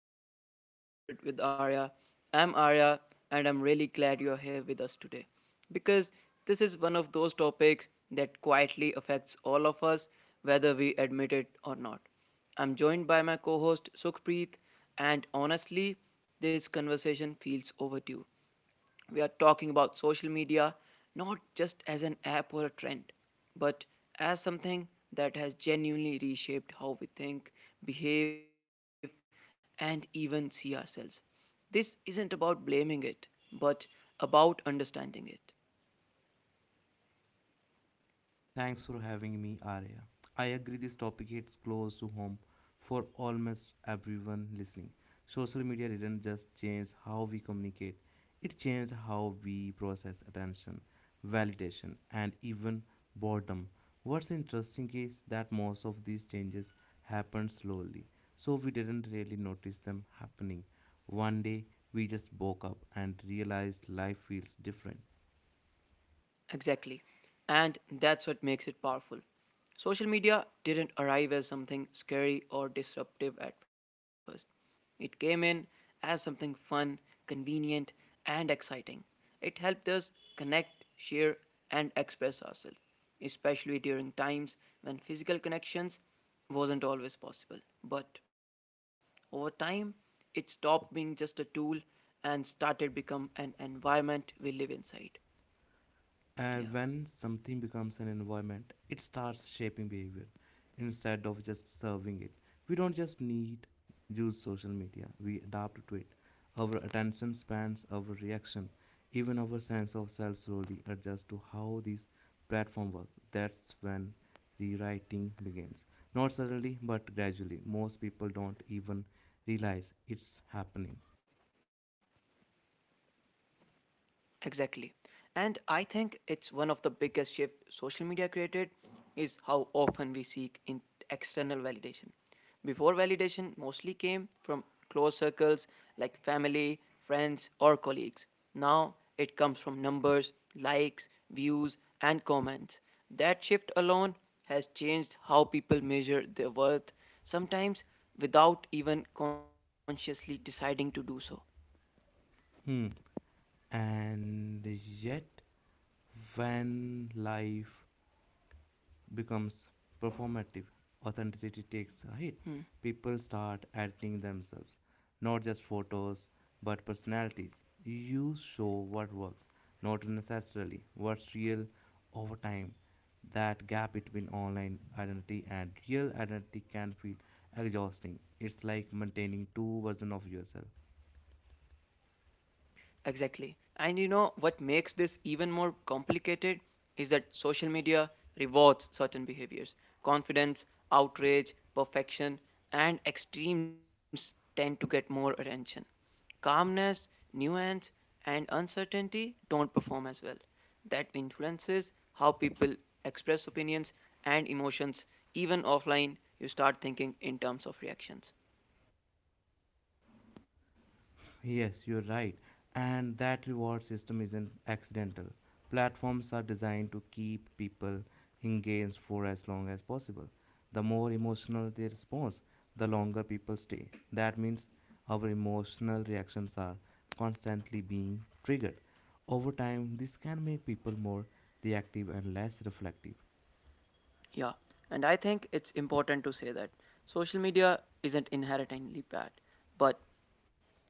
welcome back to Unscripted with Arya. I'm Arya and I'm really glad you're here with us today because this is one of those topics that quietly affects all of us whether we admit it or not. I'm joined by my co-host Sukhpreet and honestly this conversation feels overdue. We are talking about social media not just as an app or a trend, but as something that has genuinely reshaped how we think, behave, and even see ourselves. This isn't about blaming it, but about understanding it. Thanks for having me, Arya. I agree this topic hits close to home for almost everyone listening. Social media didn't just change how we communicate, it changed how we process attention, validation, and even boredom. What's interesting is that most of these changes happened slowly, so we didn't really notice them happening. One day, we just woke up and realized life feels different. Exactly. And that's what makes it powerful. Social media didn't arrive as something scary or disruptive at first. It came in as something fun, convenient, and exciting. It helped us connect, share, and express ourselves, especially during times when physical connections wasn't always possible. But over time, it stopped being just a tool and started become an environment we live inside. And when Yeah. something becomes an environment, it starts shaping behavior instead of just serving it. We don't just need use social media, we adapt to it. Our attention spans, our reaction, even our sense of self slowly adjust to how these platforms work. That's when rewriting begins. Not suddenly, but gradually. Most people don't even realize it's happening. Exactly. And I think it's one of the biggest shift social media created is how often we seek in external validation. Before validation mostly came from close circles like family, friends or colleagues. Now it comes from numbers, likes, views and comments. That shift alone has changed how people measure their worth sometimes without even consciously deciding to do so. Hmm. And yet, when life becomes performative, authenticity takes a hit. People start editing themselves, not just photos, but personalities. You show what works, not necessarily what's real over time. That gap between online identity and real identity can feel exhausting. It's like maintaining two versions of yourself. Exactly. And you know what makes this even more complicated is that social media rewards certain behaviors. Confidence, outrage, perfection, and extremes tend to get more attention. Calmness, nuance, and uncertainty don't perform as well. That influences how people express opinions and emotions. Even offline, you start thinking in terms of reactions. Yes, you're right. And that reward system isn't accidental. Platforms are designed to keep people engaged for as long as possible. The more emotional their response, the longer people stay. That means our emotional reactions are constantly being triggered. Over time, this can make people more reactive and less reflective. Yeah, and I think it's important to say that social media isn't inherently bad, but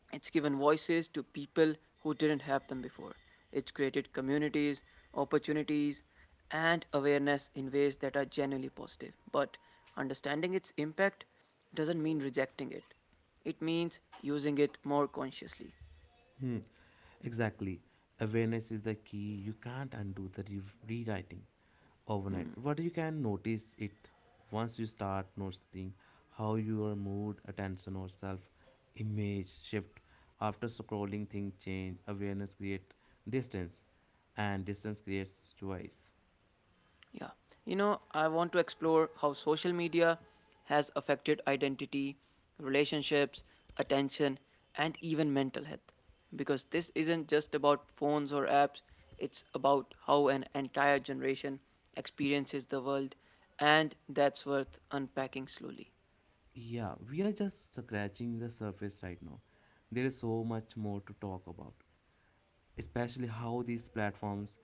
it's given voices to people who didn't have them before. It's created communities, opportunities, and awareness in ways that are genuinely positive. But understanding its impact doesn't mean rejecting it, it means using it more consciously. Hmm, exactly. Awareness is the key. You can't undo the rewriting overnight. What you can, notice it. Once you start noticing how your mood, attention, or self image shift after scrolling, things change. Awareness creates distance, and distance creates choice. Yeah. You know, I want to explore how social media has affected identity, relationships, attention, and even mental health. Because this isn't just about phones or apps, it's about how an entire generation experiences the world, and that's worth unpacking slowly. Yeah, we are just scratching the surface right now. There is so much more to talk about, especially how these platforms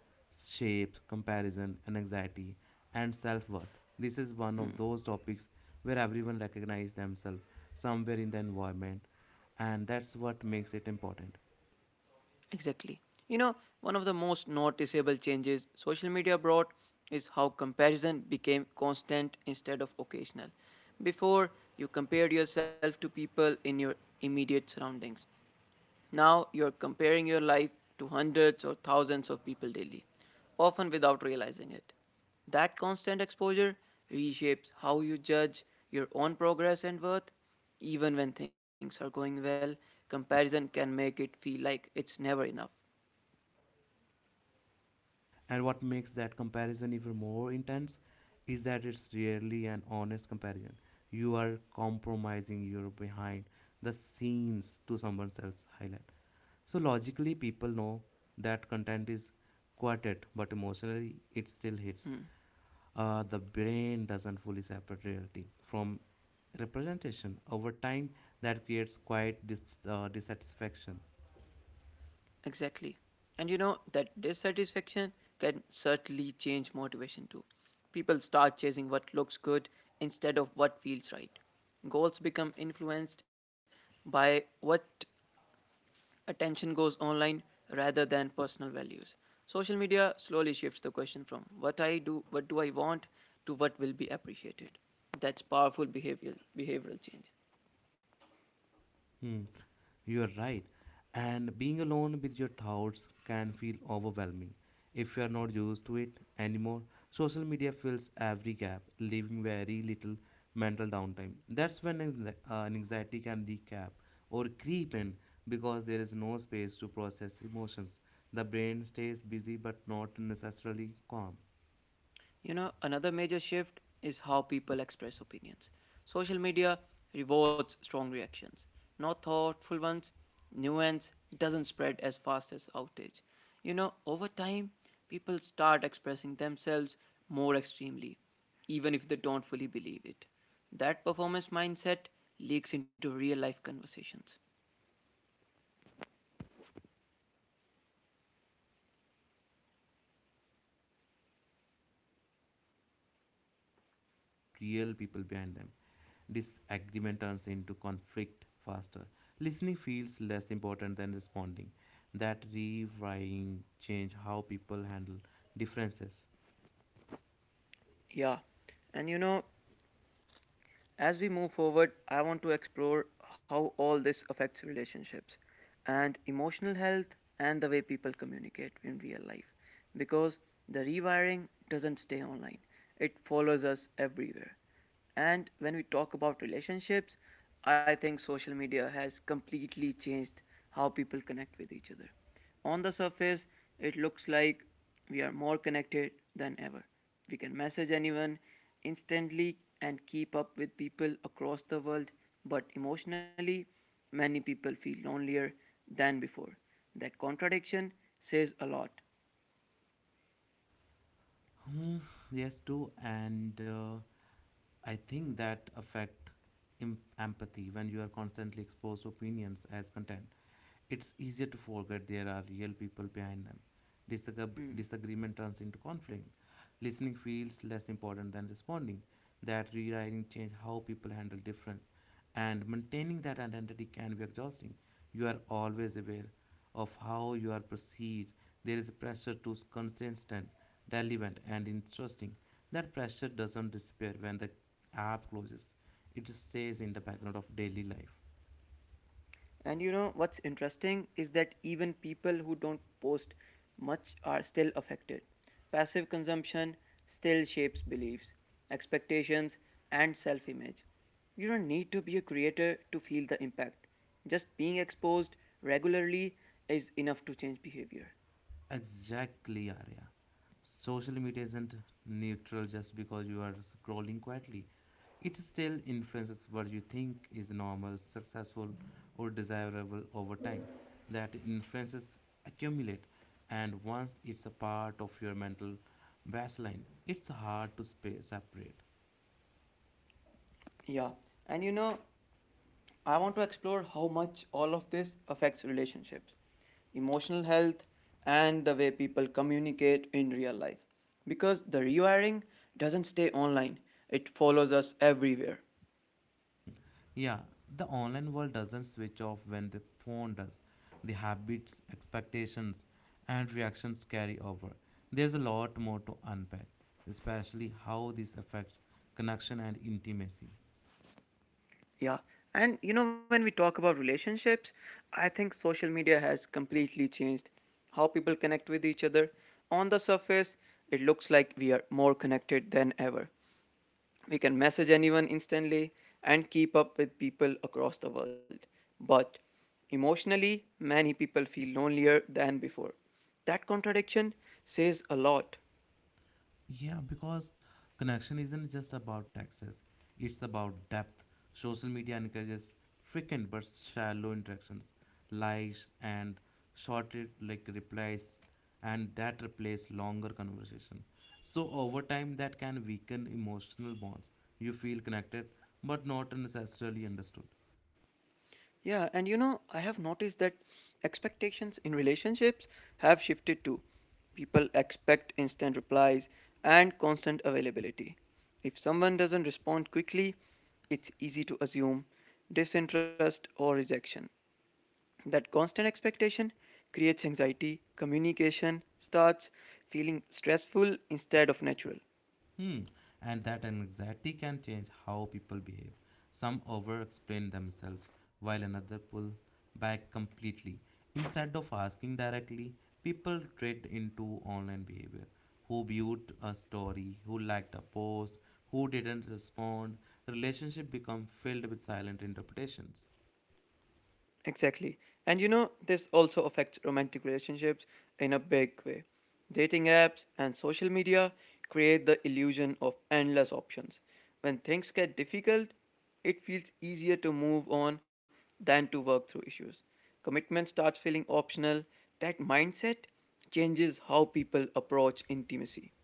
shape comparison and anxiety and self-worth. This is one of those topics where everyone recognizes themselves somewhere in the environment, and that's what makes it important. Exactly. You know, one of the most noticeable changes social media brought is how comparison became constant instead of occasional. Before, you compared yourself to people in your immediate surroundings. Now, you're comparing your life to hundreds or thousands of people daily, often without realizing it. That constant exposure reshapes how you judge your own progress and worth. Even when things are going well, comparison can make it feel like it's never enough. Hmm. And what makes that comparison even more intense is that it's rarely an honest comparison. You are compromising your behind the scenes to someone else's highlight. So logically, people know that content is quieted, but emotionally, it still hits. The brain doesn't fully separate reality from representation over time. That creates quiet dissatisfaction. Exactly. And you know, that dissatisfaction can certainly change motivation too. People start chasing what looks good instead of what feels right. Goals become influenced by what attention goes online rather than personal values. Social media slowly shifts the question from what I do, what do I want, to what will be appreciated. That's powerful behavior, behavioral change. Hmm. You are right. And being alone with your thoughts can feel overwhelming if you are not used to it anymore. Social media fills every gap, leaving very little mental downtime. That's when anxiety can recap or creep in, because there is no space to process emotions. The brain stays busy but not necessarily calm. You know, another major shift is how people express opinions. Social media rewards strong reactions, not thoughtful ones. Nuance doesn't spread as fast as outrage. You know, over time, people start expressing themselves more extremely, even if they don't fully believe it. That performance mindset leaks into real life conversations. Hmm. And that affects empathy when you are constantly exposed to opinions as content. It's easier to forget there are real people behind them. Disagreement turns into conflict faster. Listening feels less important than responding. That rewriting change how people handle differences. Yeah. And you know, as we move forward, I want to explore how all this affects relationships and emotional health and the way people communicate in real life. Because the rewiring doesn't stay online, it follows us everywhere. And when we talk about relationships, I think social media has completely changed how people connect with each other. On the surface, it looks like we are more connected than ever. We can message anyone instantly and keep up with people across the world, but emotionally, many people feel lonelier than before. That contradiction says a lot. Hmm, yes, too. And I think that affect empathy when you are constantly exposed to opinions as content. It's easier to forget there are real people behind them. Hmm. Disagreement turns into conflict. Listening feels less important than responding. That rewriting changes how people handle difference, and maintaining that identity can be exhausting. You are always aware of how you are perceived. There is a pressure to consistent, relevant, and interesting. That pressure doesn't disappear when the app closes. It stays in the background of daily life. And you know what's interesting is that even people who don't post much are still affected. Passive consumption still shapes beliefs, expectations, and self image. You don't need to be a creator to feel the impact. Just being exposed regularly is enough to change behavior. Exactly, Arya. Social media isn't neutral just because you are scrolling quietly. It still influences what you think is normal, successful, or desirable over time. That influences accumulate, and once it's a part of your mental baseline, it's hard to separate. Yeah, and you know, I want to explore how much all of this affects relationships, emotional health, and the way people communicate in real life. Because the rewiring doesn't stay online, it follows us everywhere. Hmm. Yeah, the online world doesn't switch off when the phone does. The habits, expectations, and reactions carry over. There's a lot more to unpack, especially how this affects connection and intimacy. Yeah. And you know, when we talk about relationships, I think social media has completely changed how people connect with each other. On the surface, it looks like we are more connected than ever. We can message anyone instantly and keep up with people across the world. But emotionally, many people feel lonelier than before. That contradiction says a lot. Yeah, because connection isn't just about access, it's about depth. Social media encourages frequent but shallow interactions, likes and short replies, and that replace longer conversation. So over time that can weaken emotional bonds. You feel connected but not necessarily understood. Yeah, and you know, I have noticed that expectations in relationships have shifted too. People expect instant replies and constant availability. If someone doesn't respond quickly, it's easy to assume disinterest or rejection. That constant expectation creates anxiety, communication starts feeling stressful instead of natural. Hmm. And that anxiety can change how people behave. Some over explain themselves, while another pull back completely. Instead of asking directly, people trade into online behavior. Who viewed a story, who liked a post, who didn't respond. Relationship become filled with silent interpretations. Exactly. And you know, this also affects romantic relationships in a big way. Dating apps and social media create the illusion of endless options. When things get difficult, it feels easier to move on than to work through issues. Commitment starts feeling optional. That mindset changes how people approach intimacy.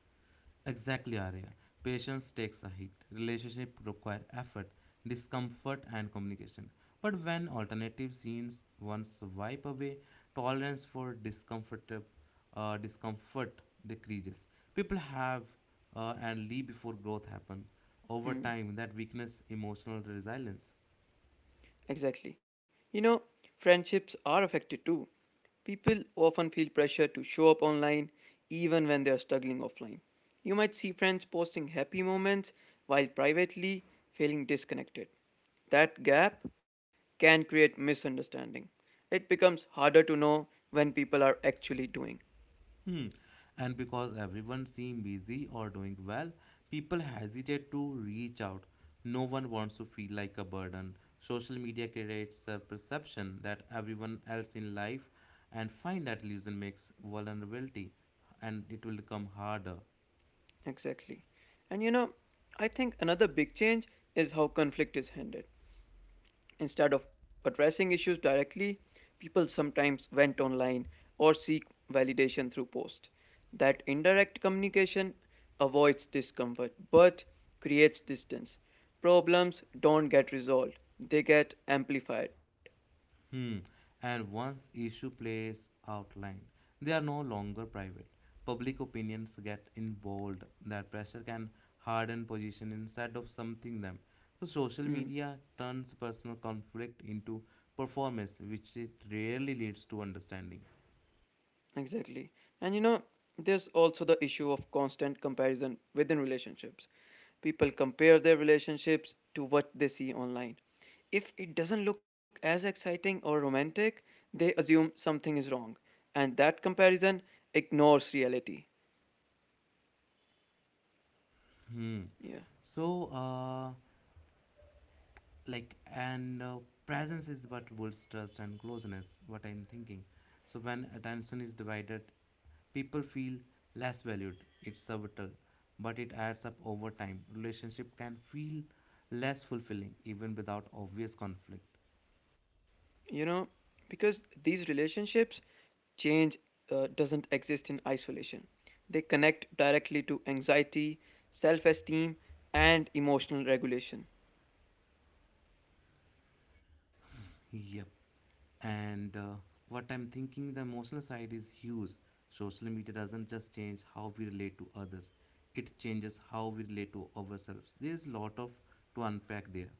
Exactly, Arya. Patience takes a hit. Relationship require effort, discomfort, and communication. But when alternative scenes once wipe away, tolerance for discomfort decreases. People have and leave before growth happens. Over time, Hmm. that weakness, emotional resilience. Exactly. You know, friendships are affected too. People often feel pressure to show up online even when they are struggling offline. You might see friends posting happy moments while privately feeling disconnected. That gap can create misunderstanding. It becomes harder to know when people are actually doing. Hmm. And because everyone seems busy or doing well, people hesitate to reach out. No one wants to feel like a burden. Social media creates a perception that everyone else in life, and find that illusion makes vulnerability and it will become harder. Exactly. And you know, I think another big change is how conflict is handled. Instead of addressing issues directly, people sometimes vent online or seek validation through posts. That indirect communication avoids discomfort but creates distance. Problems don't get resolved, they get amplified. Hmm. And once issue plays outlined, they are no longer private. Public opinions get involved. That pressure can harden position instead of something them. So social Hmm. media turns personal conflict into performance, which it rarely leads to understanding. Exactly. And you know, there's also the issue of constant comparison within relationships. People compare their relationships to what they see online. If it doesn't look as exciting or romantic, they assume something is wrong. And that comparison ignores reality. Hmm. Yeah. So, like and Presence is what builds trust and closeness, what I'm thinking. So when attention is divided, people feel less valued. It's subtle, but it adds up over time. Relationship can feel less fulfilling even without obvious conflict. You know, because these relationships change doesn't exist in isolation. They connect directly to anxiety, self esteem, and emotional regulation. Yep and What I'm thinking, the emotional side is huge. Social media doesn't just change how we relate to others, it changes how we relate to ourselves. There is a lot of to unpack there.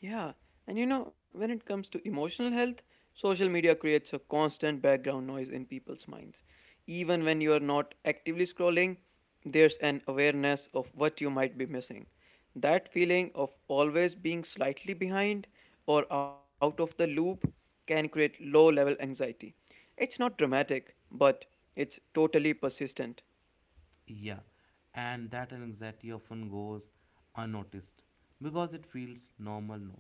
Yeah, and you know, when it comes to emotional health, social media creates a constant background noise in people's minds. Even when you are not actively scrolling, there's an awareness of what you might be missing. That feeling of always being slightly behind or out of the loop can create low level anxiety. It's not dramatic, but it's totally persistent. Yeah, and that anxiety often goes unnoticed because it feels normal now.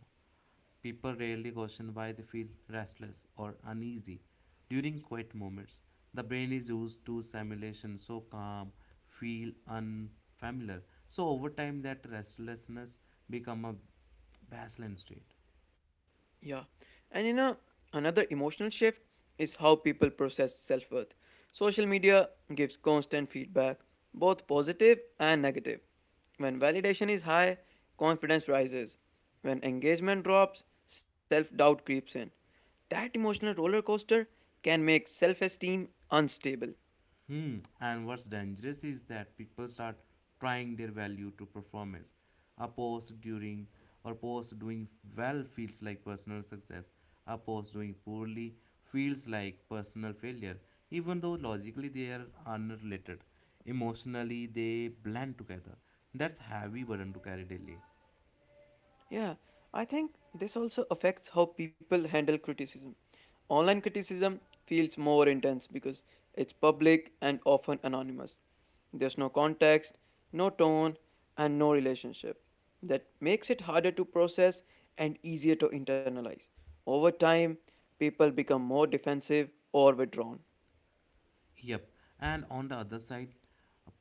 People rarely question why they feel restless or uneasy during quiet moments. The brain is used to simulation, so calm, feel unfamiliar. So over time, that restlessness become a baseline state. Yeah. And you know, another emotional shift is how people process self worth. Social media gives constant feedback, both positive and negative. When validation is high, confidence rises. When engagement drops, self doubt creeps in. That emotional roller coaster can make self esteem unstable. Hmm. And what's dangerous is that people start trying their value to performance. A post during or post doing well feels like personal success. A post doing poorly feels like personal failure, even though logically they are unrelated. Emotionally, they blend together. That's heavy burden to carry daily. Yeah, I think this also affects how people handle criticism. Online criticism feels more intense because it's public and often anonymous. There's no context, no tone, and no relationship. That makes it harder to process and easier to internalize. Over time, people become more defensive or withdrawn. Yep. And on the other side,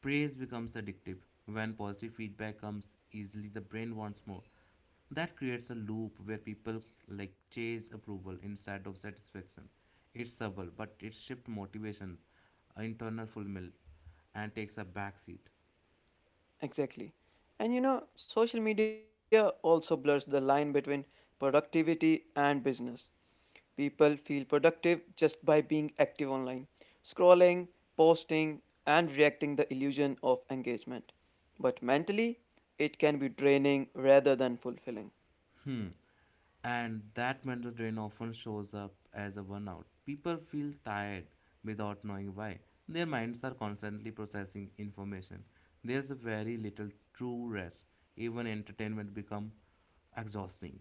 praise becomes addictive. When positive feedback comes easily, the brain wants more. That creates a loop where people like chase approval instead of satisfaction. It's subtle, but it shifts motivation, internal fulfillment, and takes a backseat. Exactly. And you know, social media also blurs the line between productivity and business. People feel productive just by being active online, scrolling, posting, and reacting the illusion of engagement. But mentally, it can be draining rather than fulfilling. Hmm. And that mental drain often shows up as a burnout. People feel tired without knowing why. Their minds are constantly processing information. There's very little true rest. Even entertainment become exhausting.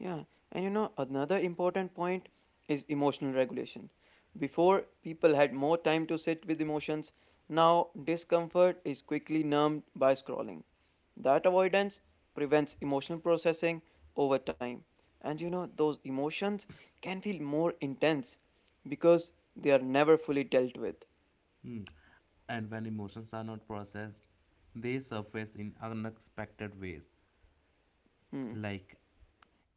Yeah, and you know, another important point is emotional regulation. Before, people had more time to sit with emotions. Now, discomfort is quickly numbed by scrolling. That avoidance prevents emotional processing over time. And you know, those emotions can feel more intense because they are never fully dealt with. Hmm. And when emotions are not processed, they surface in unexpected ways, Hmm, like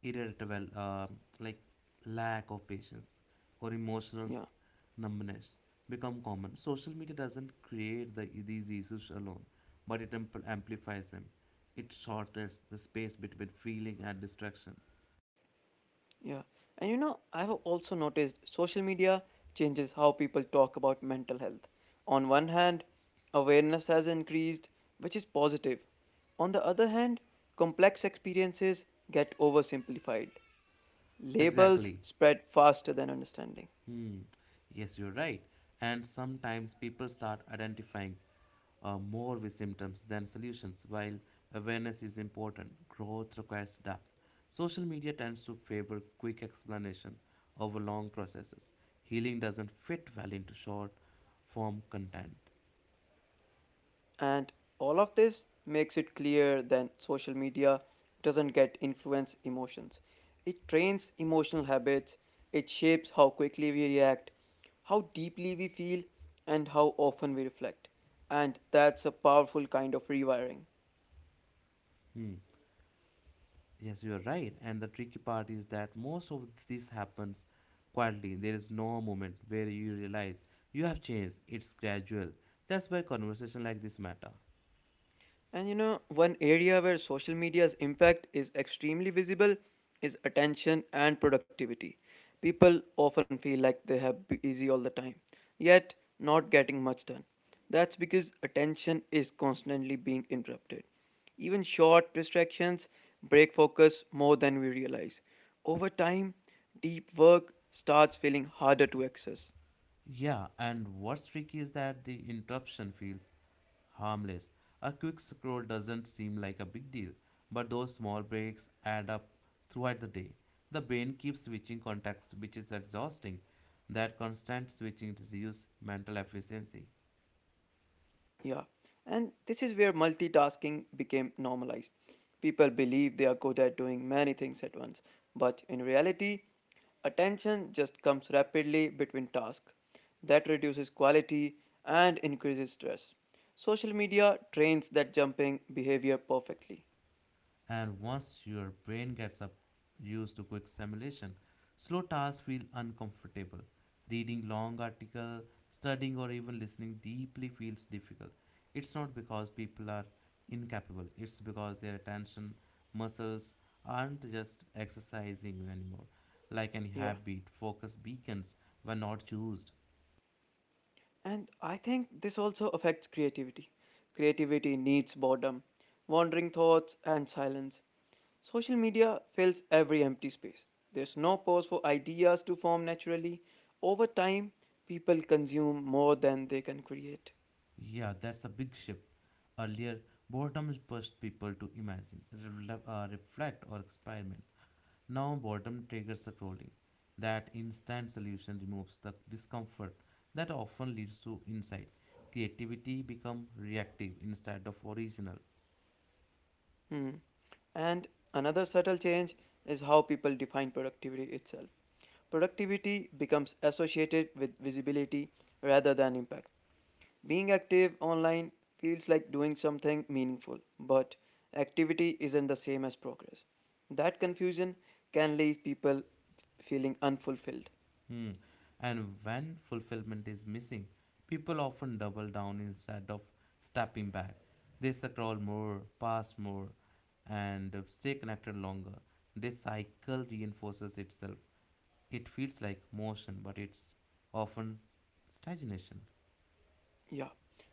irritable, like lack of patience or emotional yeah. numbness become common. Social media doesn't create these issues alone, but it amplifies them. It shortens the space between feeling and distraction. Yeah. And you know, I've also noticed social media changes how people talk about mental health. On one hand, awareness has increased, which is positive. On the other hand, complex experiences get oversimplified. Labels Exactly. spread faster than understanding. Hmm. Yes, you're right. And sometimes people start identifying more with symptoms than solutions. While awareness is important, growth requires depth. Social media tends to favor quick explanation over long processes. Healing doesn't fit well into short form content. And all of this makes it clear that social media doesn't get influence emotions. It trains emotional habits, it shapes how quickly we react, how deeply we feel, and how often we reflect. And that's a powerful kind of rewiring. Hmm. Yes, you are right. And the tricky part is that most of this happens quietly. There is no moment where you realize you have changed. It's gradual. That's why conversation like this matter. And you know, one area where social media's impact is extremely visible is attention and productivity. People often feel like they have busy all the time, yet not getting much done. That's because attention is constantly being interrupted. Even short distractions break focus more than we realize. Over time, deep work starts feeling harder to access. Yeah, and what's tricky is that the interruption feels harmless. A quick scroll doesn't seem like a big deal, but those small breaks add up throughout the day. The brain keeps switching contexts, which is exhausting. That constant switching reduces mental efficiency. Yeah, and this is where multitasking became normalized. People believe they are good at doing many things at once, but in reality, attention just comes rapidly between tasks. That reduces quality and increases stress. Social media trains that jumping behavior perfectly. And once your brain gets up used to quick simulation, slow tasks feel uncomfortable. Reading long articles, studying or even listening deeply feels difficult. It's not because people are incapable, it's because their attention muscles aren't just exercising anymore. Like any Yeah. habit, focus beacons were not used. And I think this also affects creativity. Creativity needs boredom, wandering thoughts, and silence. Social media fills every empty space. There's no pause for ideas to form naturally. Over time, people consume more than they can create. Yeah, that's a big shift. Earlier, boredom pushed people to imagine, reflect, or experiment. Now, boredom triggers scrolling. That instant solution removes the discomfort that often leads to insight. Creativity become reactive instead of original. Hmm. And another subtle change is how people define productivity itself. Productivity becomes associated with visibility rather than impact. Being active online feels like doing something meaningful, but activity isn't the same as progress. That confusion can leave people feeling unfulfilled. Hmm. And when fulfillment is missing, people often double down instead of stepping back. They scroll more, pass more, and stay connected longer. This cycle reinforces itself. It feels like motion, but it's often stagnation. Yeah.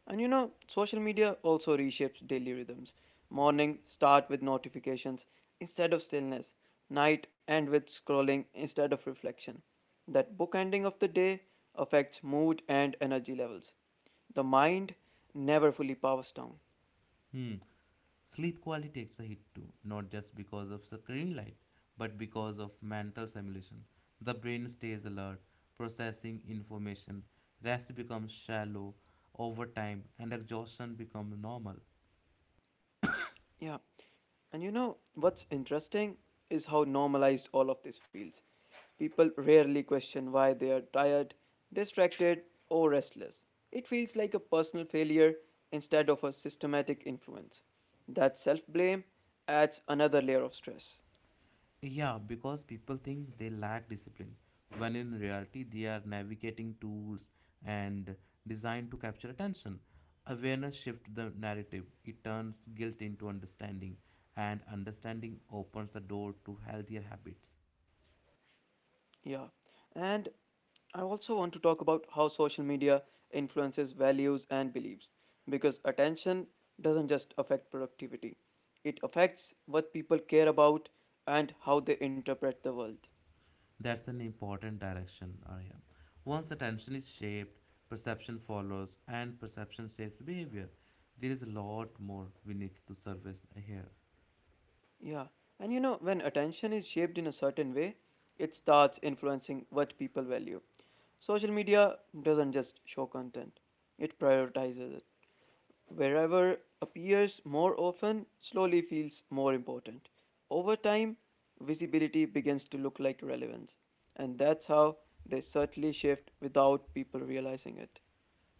Social media also reshapes daily rhythms. Morning start with notifications instead of stillness. Night end with scrolling instead of reflection. That bookending of the day affects mood and energy levels. The mind never fully powers down. Hmm. Sleep quality takes a hit too, not just because of screen light, but because of mental stimulation. The brain stays alert, processing information, rest becomes shallow over time, and exhaustion becomes normal. Yeah. What's interesting is how normalized all of this feels. People rarely question why they are tired, distracted, or restless. It feels like a personal failure instead of a systematic influence. That self blame adds another layer of stress. Yeah, because people think they lack discipline, when in reality, they are navigating tools and designed to capture attention. Awareness shifts the narrative, it turns guilt into understanding, and understanding opens the door to healthier habits. Yeah. And I also want to talk about how social media influences values and beliefs because attention doesn't just affect productivity, it affects what people care about and how they interpret the world. That's an important direction, Arya. Once attention is shaped, perception follows, and perception shapes behavior. There is a lot more we need to surface here. Yeah, when attention is shaped in a certain way, it starts influencing what people value. Social media doesn't just show content, it prioritizes it. Wherever appears more often, slowly feels more important. Over time, visibility begins to look like relevance, and that's how they subtly shift without people realizing it.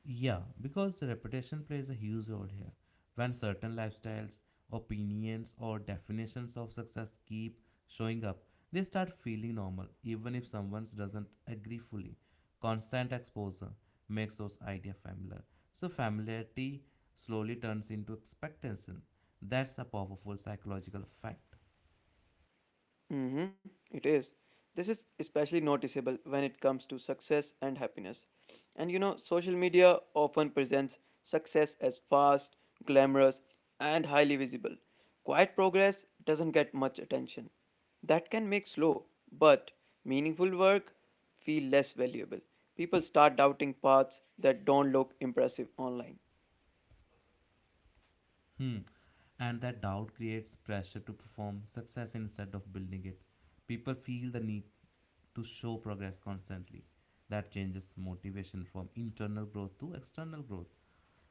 Yeah, because the reputation plays a huge role here. When certain lifestyles, opinions, or definitions of success keep showing up, they start feeling normal, even if someone doesn't agree fully. Constant exposure makes those ideas familiar. So, familiarity slowly turns into expectation. That's a powerful psychological fact. Mm-hmm, it is. This is especially noticeable when it comes to success and happiness. Social media often presents success as fast, glamorous, and highly visible. Quiet progress doesn't get much attention. That can make slow but meaningful work feel less valuable. People start doubting paths that don't look impressive online. Hmm. And that doubt creates pressure to perform success instead of building it. People feel the need to show progress constantly. That changes motivation from internal growth to external growth.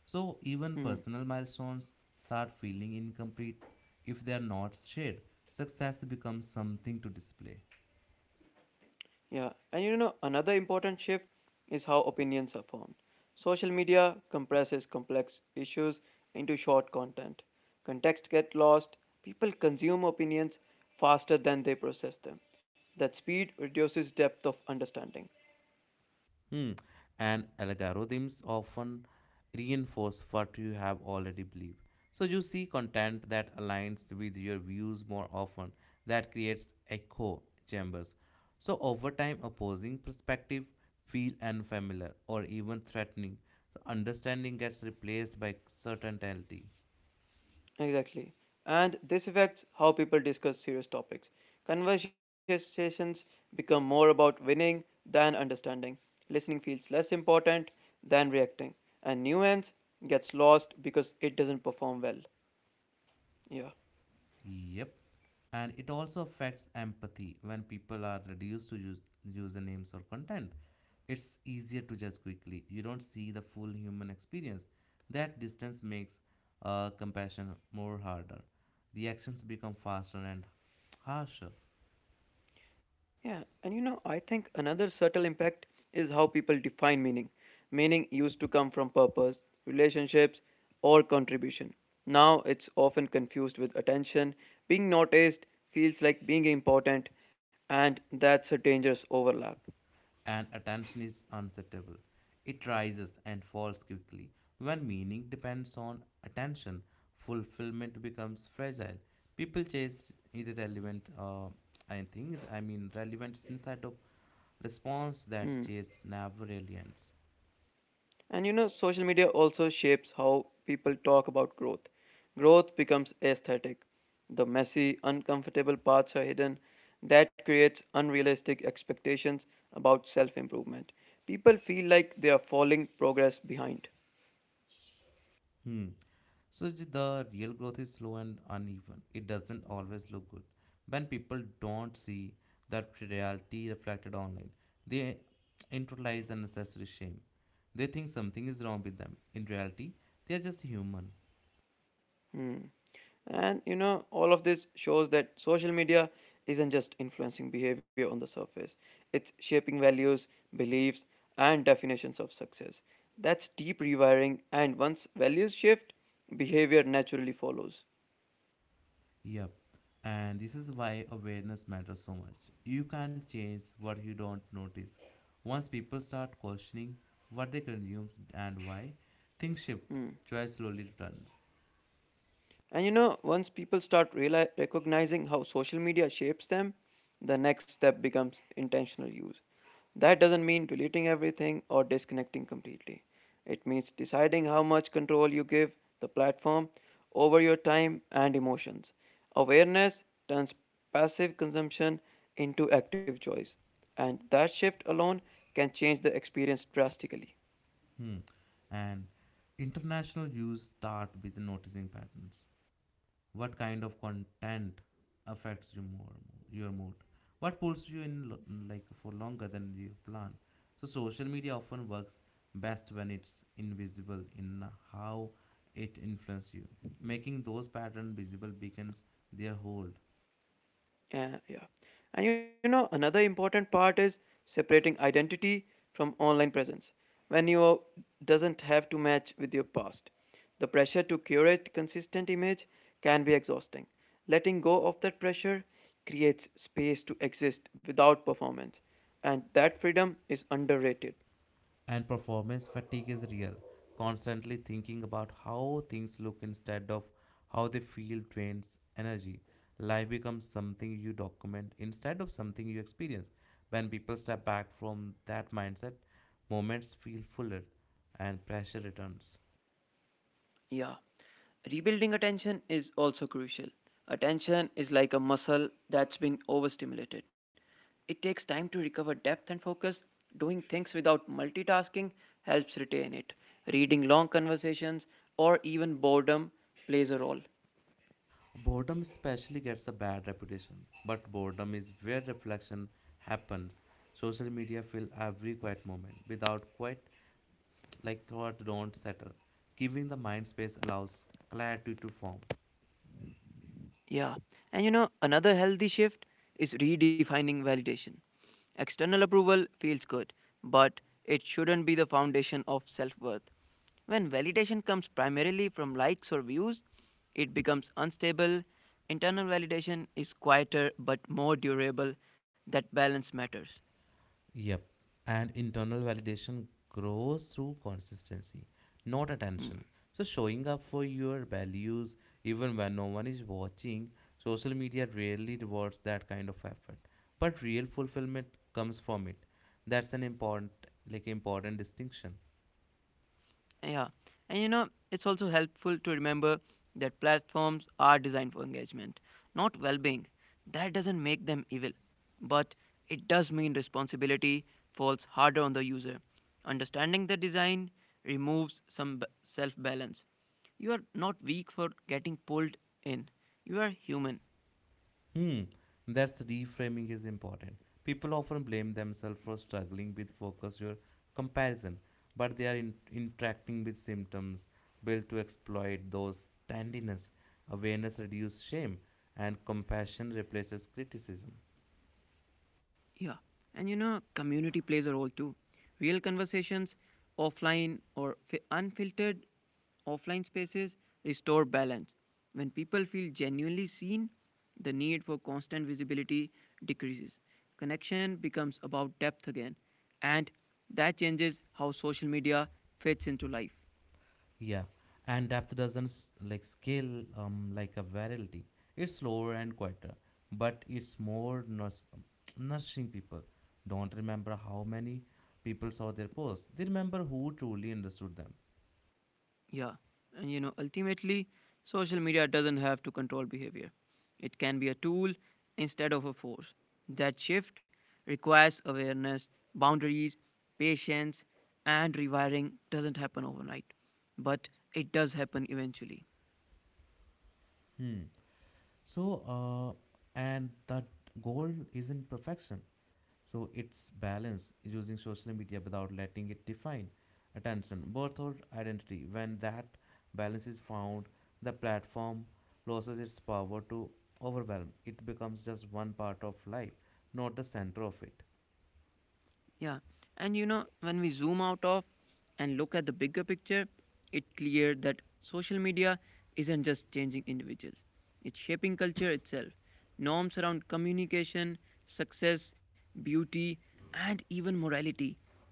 So even Mm-hmm. personal milestones start feeling incomplete if they are not shared. Success becomes something to display. Yeah, another important shift is how opinions are formed. Social media compresses complex issues into short content. Context gets lost, people consume opinions faster than they process them. That speed reduces depth of understanding. Hmm. And algorithms often reinforce what you have already believed. So you see content that aligns with your views more often, that creates echo chambers. So over time, opposing perspective feel unfamiliar or even threatening. So understanding gets replaced by certainty. Exactly. And this affects how people discuss serious topics. Conversations become more about winning than understanding. Listening feels less important than reacting. And nuance gets lost because it doesn't perform well. Yeah. Yep. And it also affects empathy when people are reduced to use, usernames or content. It's easier to judge quickly. You don't see the full human experience. That distance makes compassion more harder. Reactions become faster and harsher. Yeah, I think another subtle impact is how people define meaning. Meaning used to come from purpose, relationships, or contribution. Now it's often confused with attention. Being noticed feels like being important, and that's a dangerous overlap. And attention is unsettable. It rises and falls quickly. When meaning depends on attention, fulfillment becomes fragile. People chase irrelevant, I think, I mean, relevance inside of response Hmm. that chase never really ends. Social media also shapes how people talk about growth. Growth becomes aesthetic. The messy, uncomfortable parts are hidden. That creates unrealistic expectations about self improvement. People feel like they are falling progress behind. Hmm. So the real growth is slow and uneven. It doesn't always look good. When people don't see that reality reflected online, they internalize unnecessary shame. They think something is wrong with them. In reality, they are just human. Hmm. All of this shows that social media isn't just influencing behavior on the surface, it's shaping values, beliefs, and definitions of success. That's deep rewiring, and once values shift, behavior naturally follows. Yep. And this is why awareness matters so much. You can't change what you don't notice. Once people start questioning what they consume and why, things shift. Hmm. Joy slowly returns. Once people start reali recognizing how social media shapes them, the next step becomes intentional use. That doesn't mean deleting everything or disconnecting completely. It means deciding how much control you give the platform over your time and emotions. Awareness turns passive consumption into active choice, and that shift alone can change the experience drastically. Hmm. And international Jews start with noticing patterns. What kind of content affects you more, your mood? What pulls you in like for longer than you plan? So social media often works best when it's invisible in how it influences you. Making those patterns visible becomes their hold. Yeah. Another important part is separating identity from online presence. When you doesn't have to match with your past, the pressure to curate consistent image can be exhausting. Letting go of that pressure creates space to exist without performance, and that freedom is underrated. And performance fatigue is real. Constantly thinking about how things look instead of how they feel drains energy. Life becomes something you document instead of something you experience. When people step back from that mindset, moments feel fuller and pressure returns. Yeah. Rebuilding attention is also crucial. Attention is like a muscle that's been overstimulated. It takes time to recover depth and focus. Doing things without multitasking helps retain it. Reading long conversations or even boredom plays a role. Boredom especially gets a bad reputation, but boredom is where reflection happens. Social media fill every quiet moment. Without quiet, like thought don't settle. Giving the mind space allows clarity to form. Yeah. Another healthy shift is redefining validation. External approval feels good, but it shouldn't be the foundation of self worth. When validation comes primarily from likes or views, it becomes unstable. Internal validation is quieter but more durable. That balance matters. Yep. And internal validation grows through consistency, not attention. So showing up for your values even when no one is watching, social media rarely rewards that kind of effort. But real fulfillment comes from it. That's an important important distinction. Yeah. It's also helpful to remember that platforms are designed for engagement, not well being. That doesn't make them evil, but it does mean responsibility falls harder on the user. Understanding the design removes some self balance. You are not weak for getting pulled in, you are human. Hmm, that's reframing is important. People often blame themselves for struggling with focus or comparison, but they are interacting with symptoms built to exploit those tendiness. Awareness reduces shame, and compassion replaces criticism. Yeah. Community plays a role too. Real conversations, unfiltered offline spaces restore balance. When people feel genuinely seen, the need for constant visibility decreases. Connection becomes about depth again. And that changes how social media fits into life. Yeah, and depth doesn't like scale like a virality. It's slower and quieter, but it's more nourishing people. Don't remember how many people saw their posts. They remember who truly understood them. Yeah. Ultimately, social media doesn't have to control behavior. It can be a tool instead of a force. That shift requires awareness, boundaries, patience, and rewiring doesn't happen overnight, but it does happen eventually. Hmm. So, uh, and that goal isn't perfection. So it's balance using social media without letting it define attention, birth or identity. When that balance is found, the platform loses its power to overwhelm. It becomes just one part of life, not the center of it. Yeah. When we zoom out of and look at the bigger picture, it's clear that social media isn't just changing individuals, it's shaping culture itself. Norms around communication, success, beauty, and even morality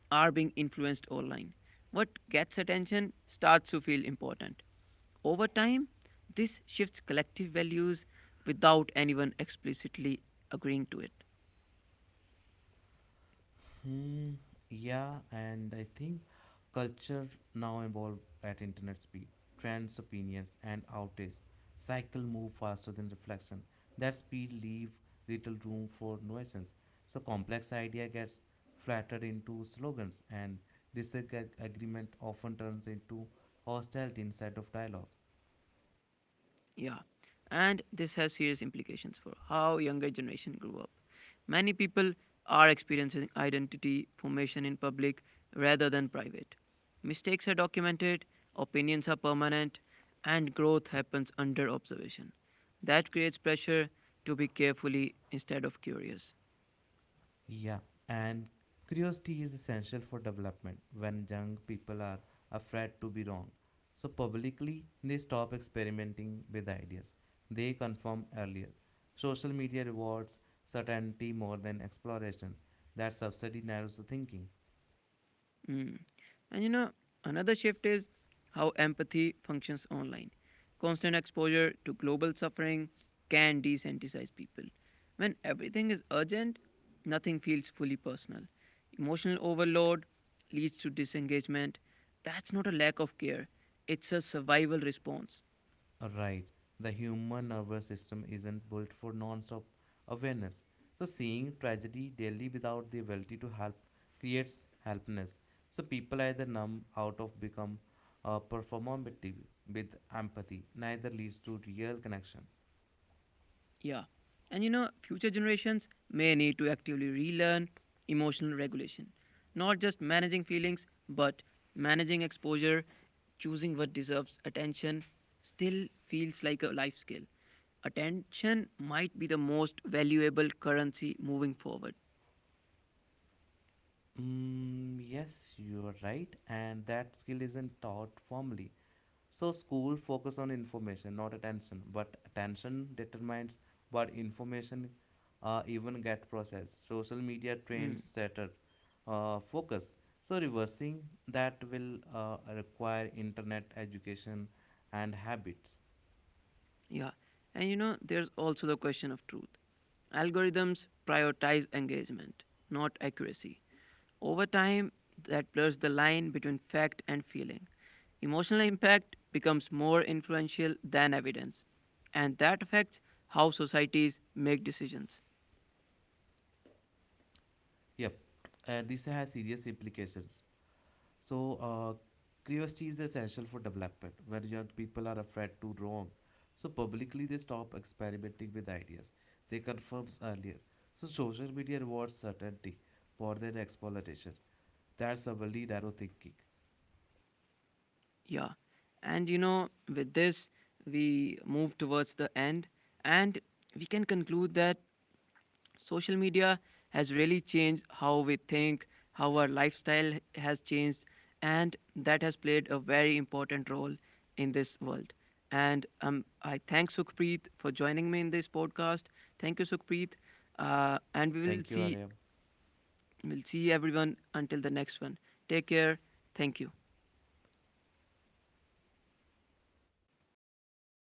are being influenced online. What gets attention starts to feel important. Over time, this shifts collective values without anyone explicitly agreeing to it. Hmm, yeah, and I think culture now evolve at internet speed. Trends, opinions, and outrage cycle move faster than reflection. That speed leave little room for nuisance. So complex idea gets flattered into slogans, and disagreement often turns into hostility instead of dialogue. Yeah, and this has serious implications for how younger generation grew up. Many people are experiencing identity formation in public rather than private. Mistakes are documented, opinions are permanent, and growth happens under observation. That creates pressure to be carefully instead of curious. Yeah, and curiosity is essential for development when young people are afraid to be wrong. So, publicly, they stop experimenting with ideas. They conform earlier. Social media rewards certainty more than exploration. That subsidy narrows the thinking. Mm. And you know, another shift is how empathy functions online. Constant exposure to global suffering can desensitize people. When everything is urgent, nothing feels fully personal. Emotional overload leads to disengagement. That's not a lack of care, it's a survival response. Right. The human nervous system isn't built for non-stop awareness. So seeing tragedy daily without the ability to help creates helplessness. So people either numb out of become performative with empathy. Neither leads to real connection. Yeah. Future generations may need to actively relearn emotional regulation, not just managing feelings, but managing exposure, choosing what deserves attention still feels like a life skill. Attention might be the most valuable currency moving forward. Mm, yes, you are right, and that skill isn't taught formally. So school focus on information, not attention. But attention determines what information even get processed. Social media trains shattered focus. So reversing that will require internet education and habits. Yeah. There's also the question of truth. Algorithms prioritize engagement, not accuracy. Over time, that blurs the line between fact and feeling. Emotional impact becomes more influential than evidence, and that affects how societies make decisions. Yep, this has serious implications. So, uh, Curiosity is essential for development. When young people are afraid to wrong, so publicly they stop experimenting with ideas they confirms earlier. So, social media rewards certainty more than exploration. That's a really narrow thinking. Yeah. With this, we move towards the end, and we can conclude that social media has really changed how we think, how our lifestyle has changed, and that has played a very important role in this world. And I thank Sukhpreet for joining me in this podcast. Thank you, Sukhpreet. And we will Thank you, see, Aryam. we'll see everyone until the next one. Take care. Thank you.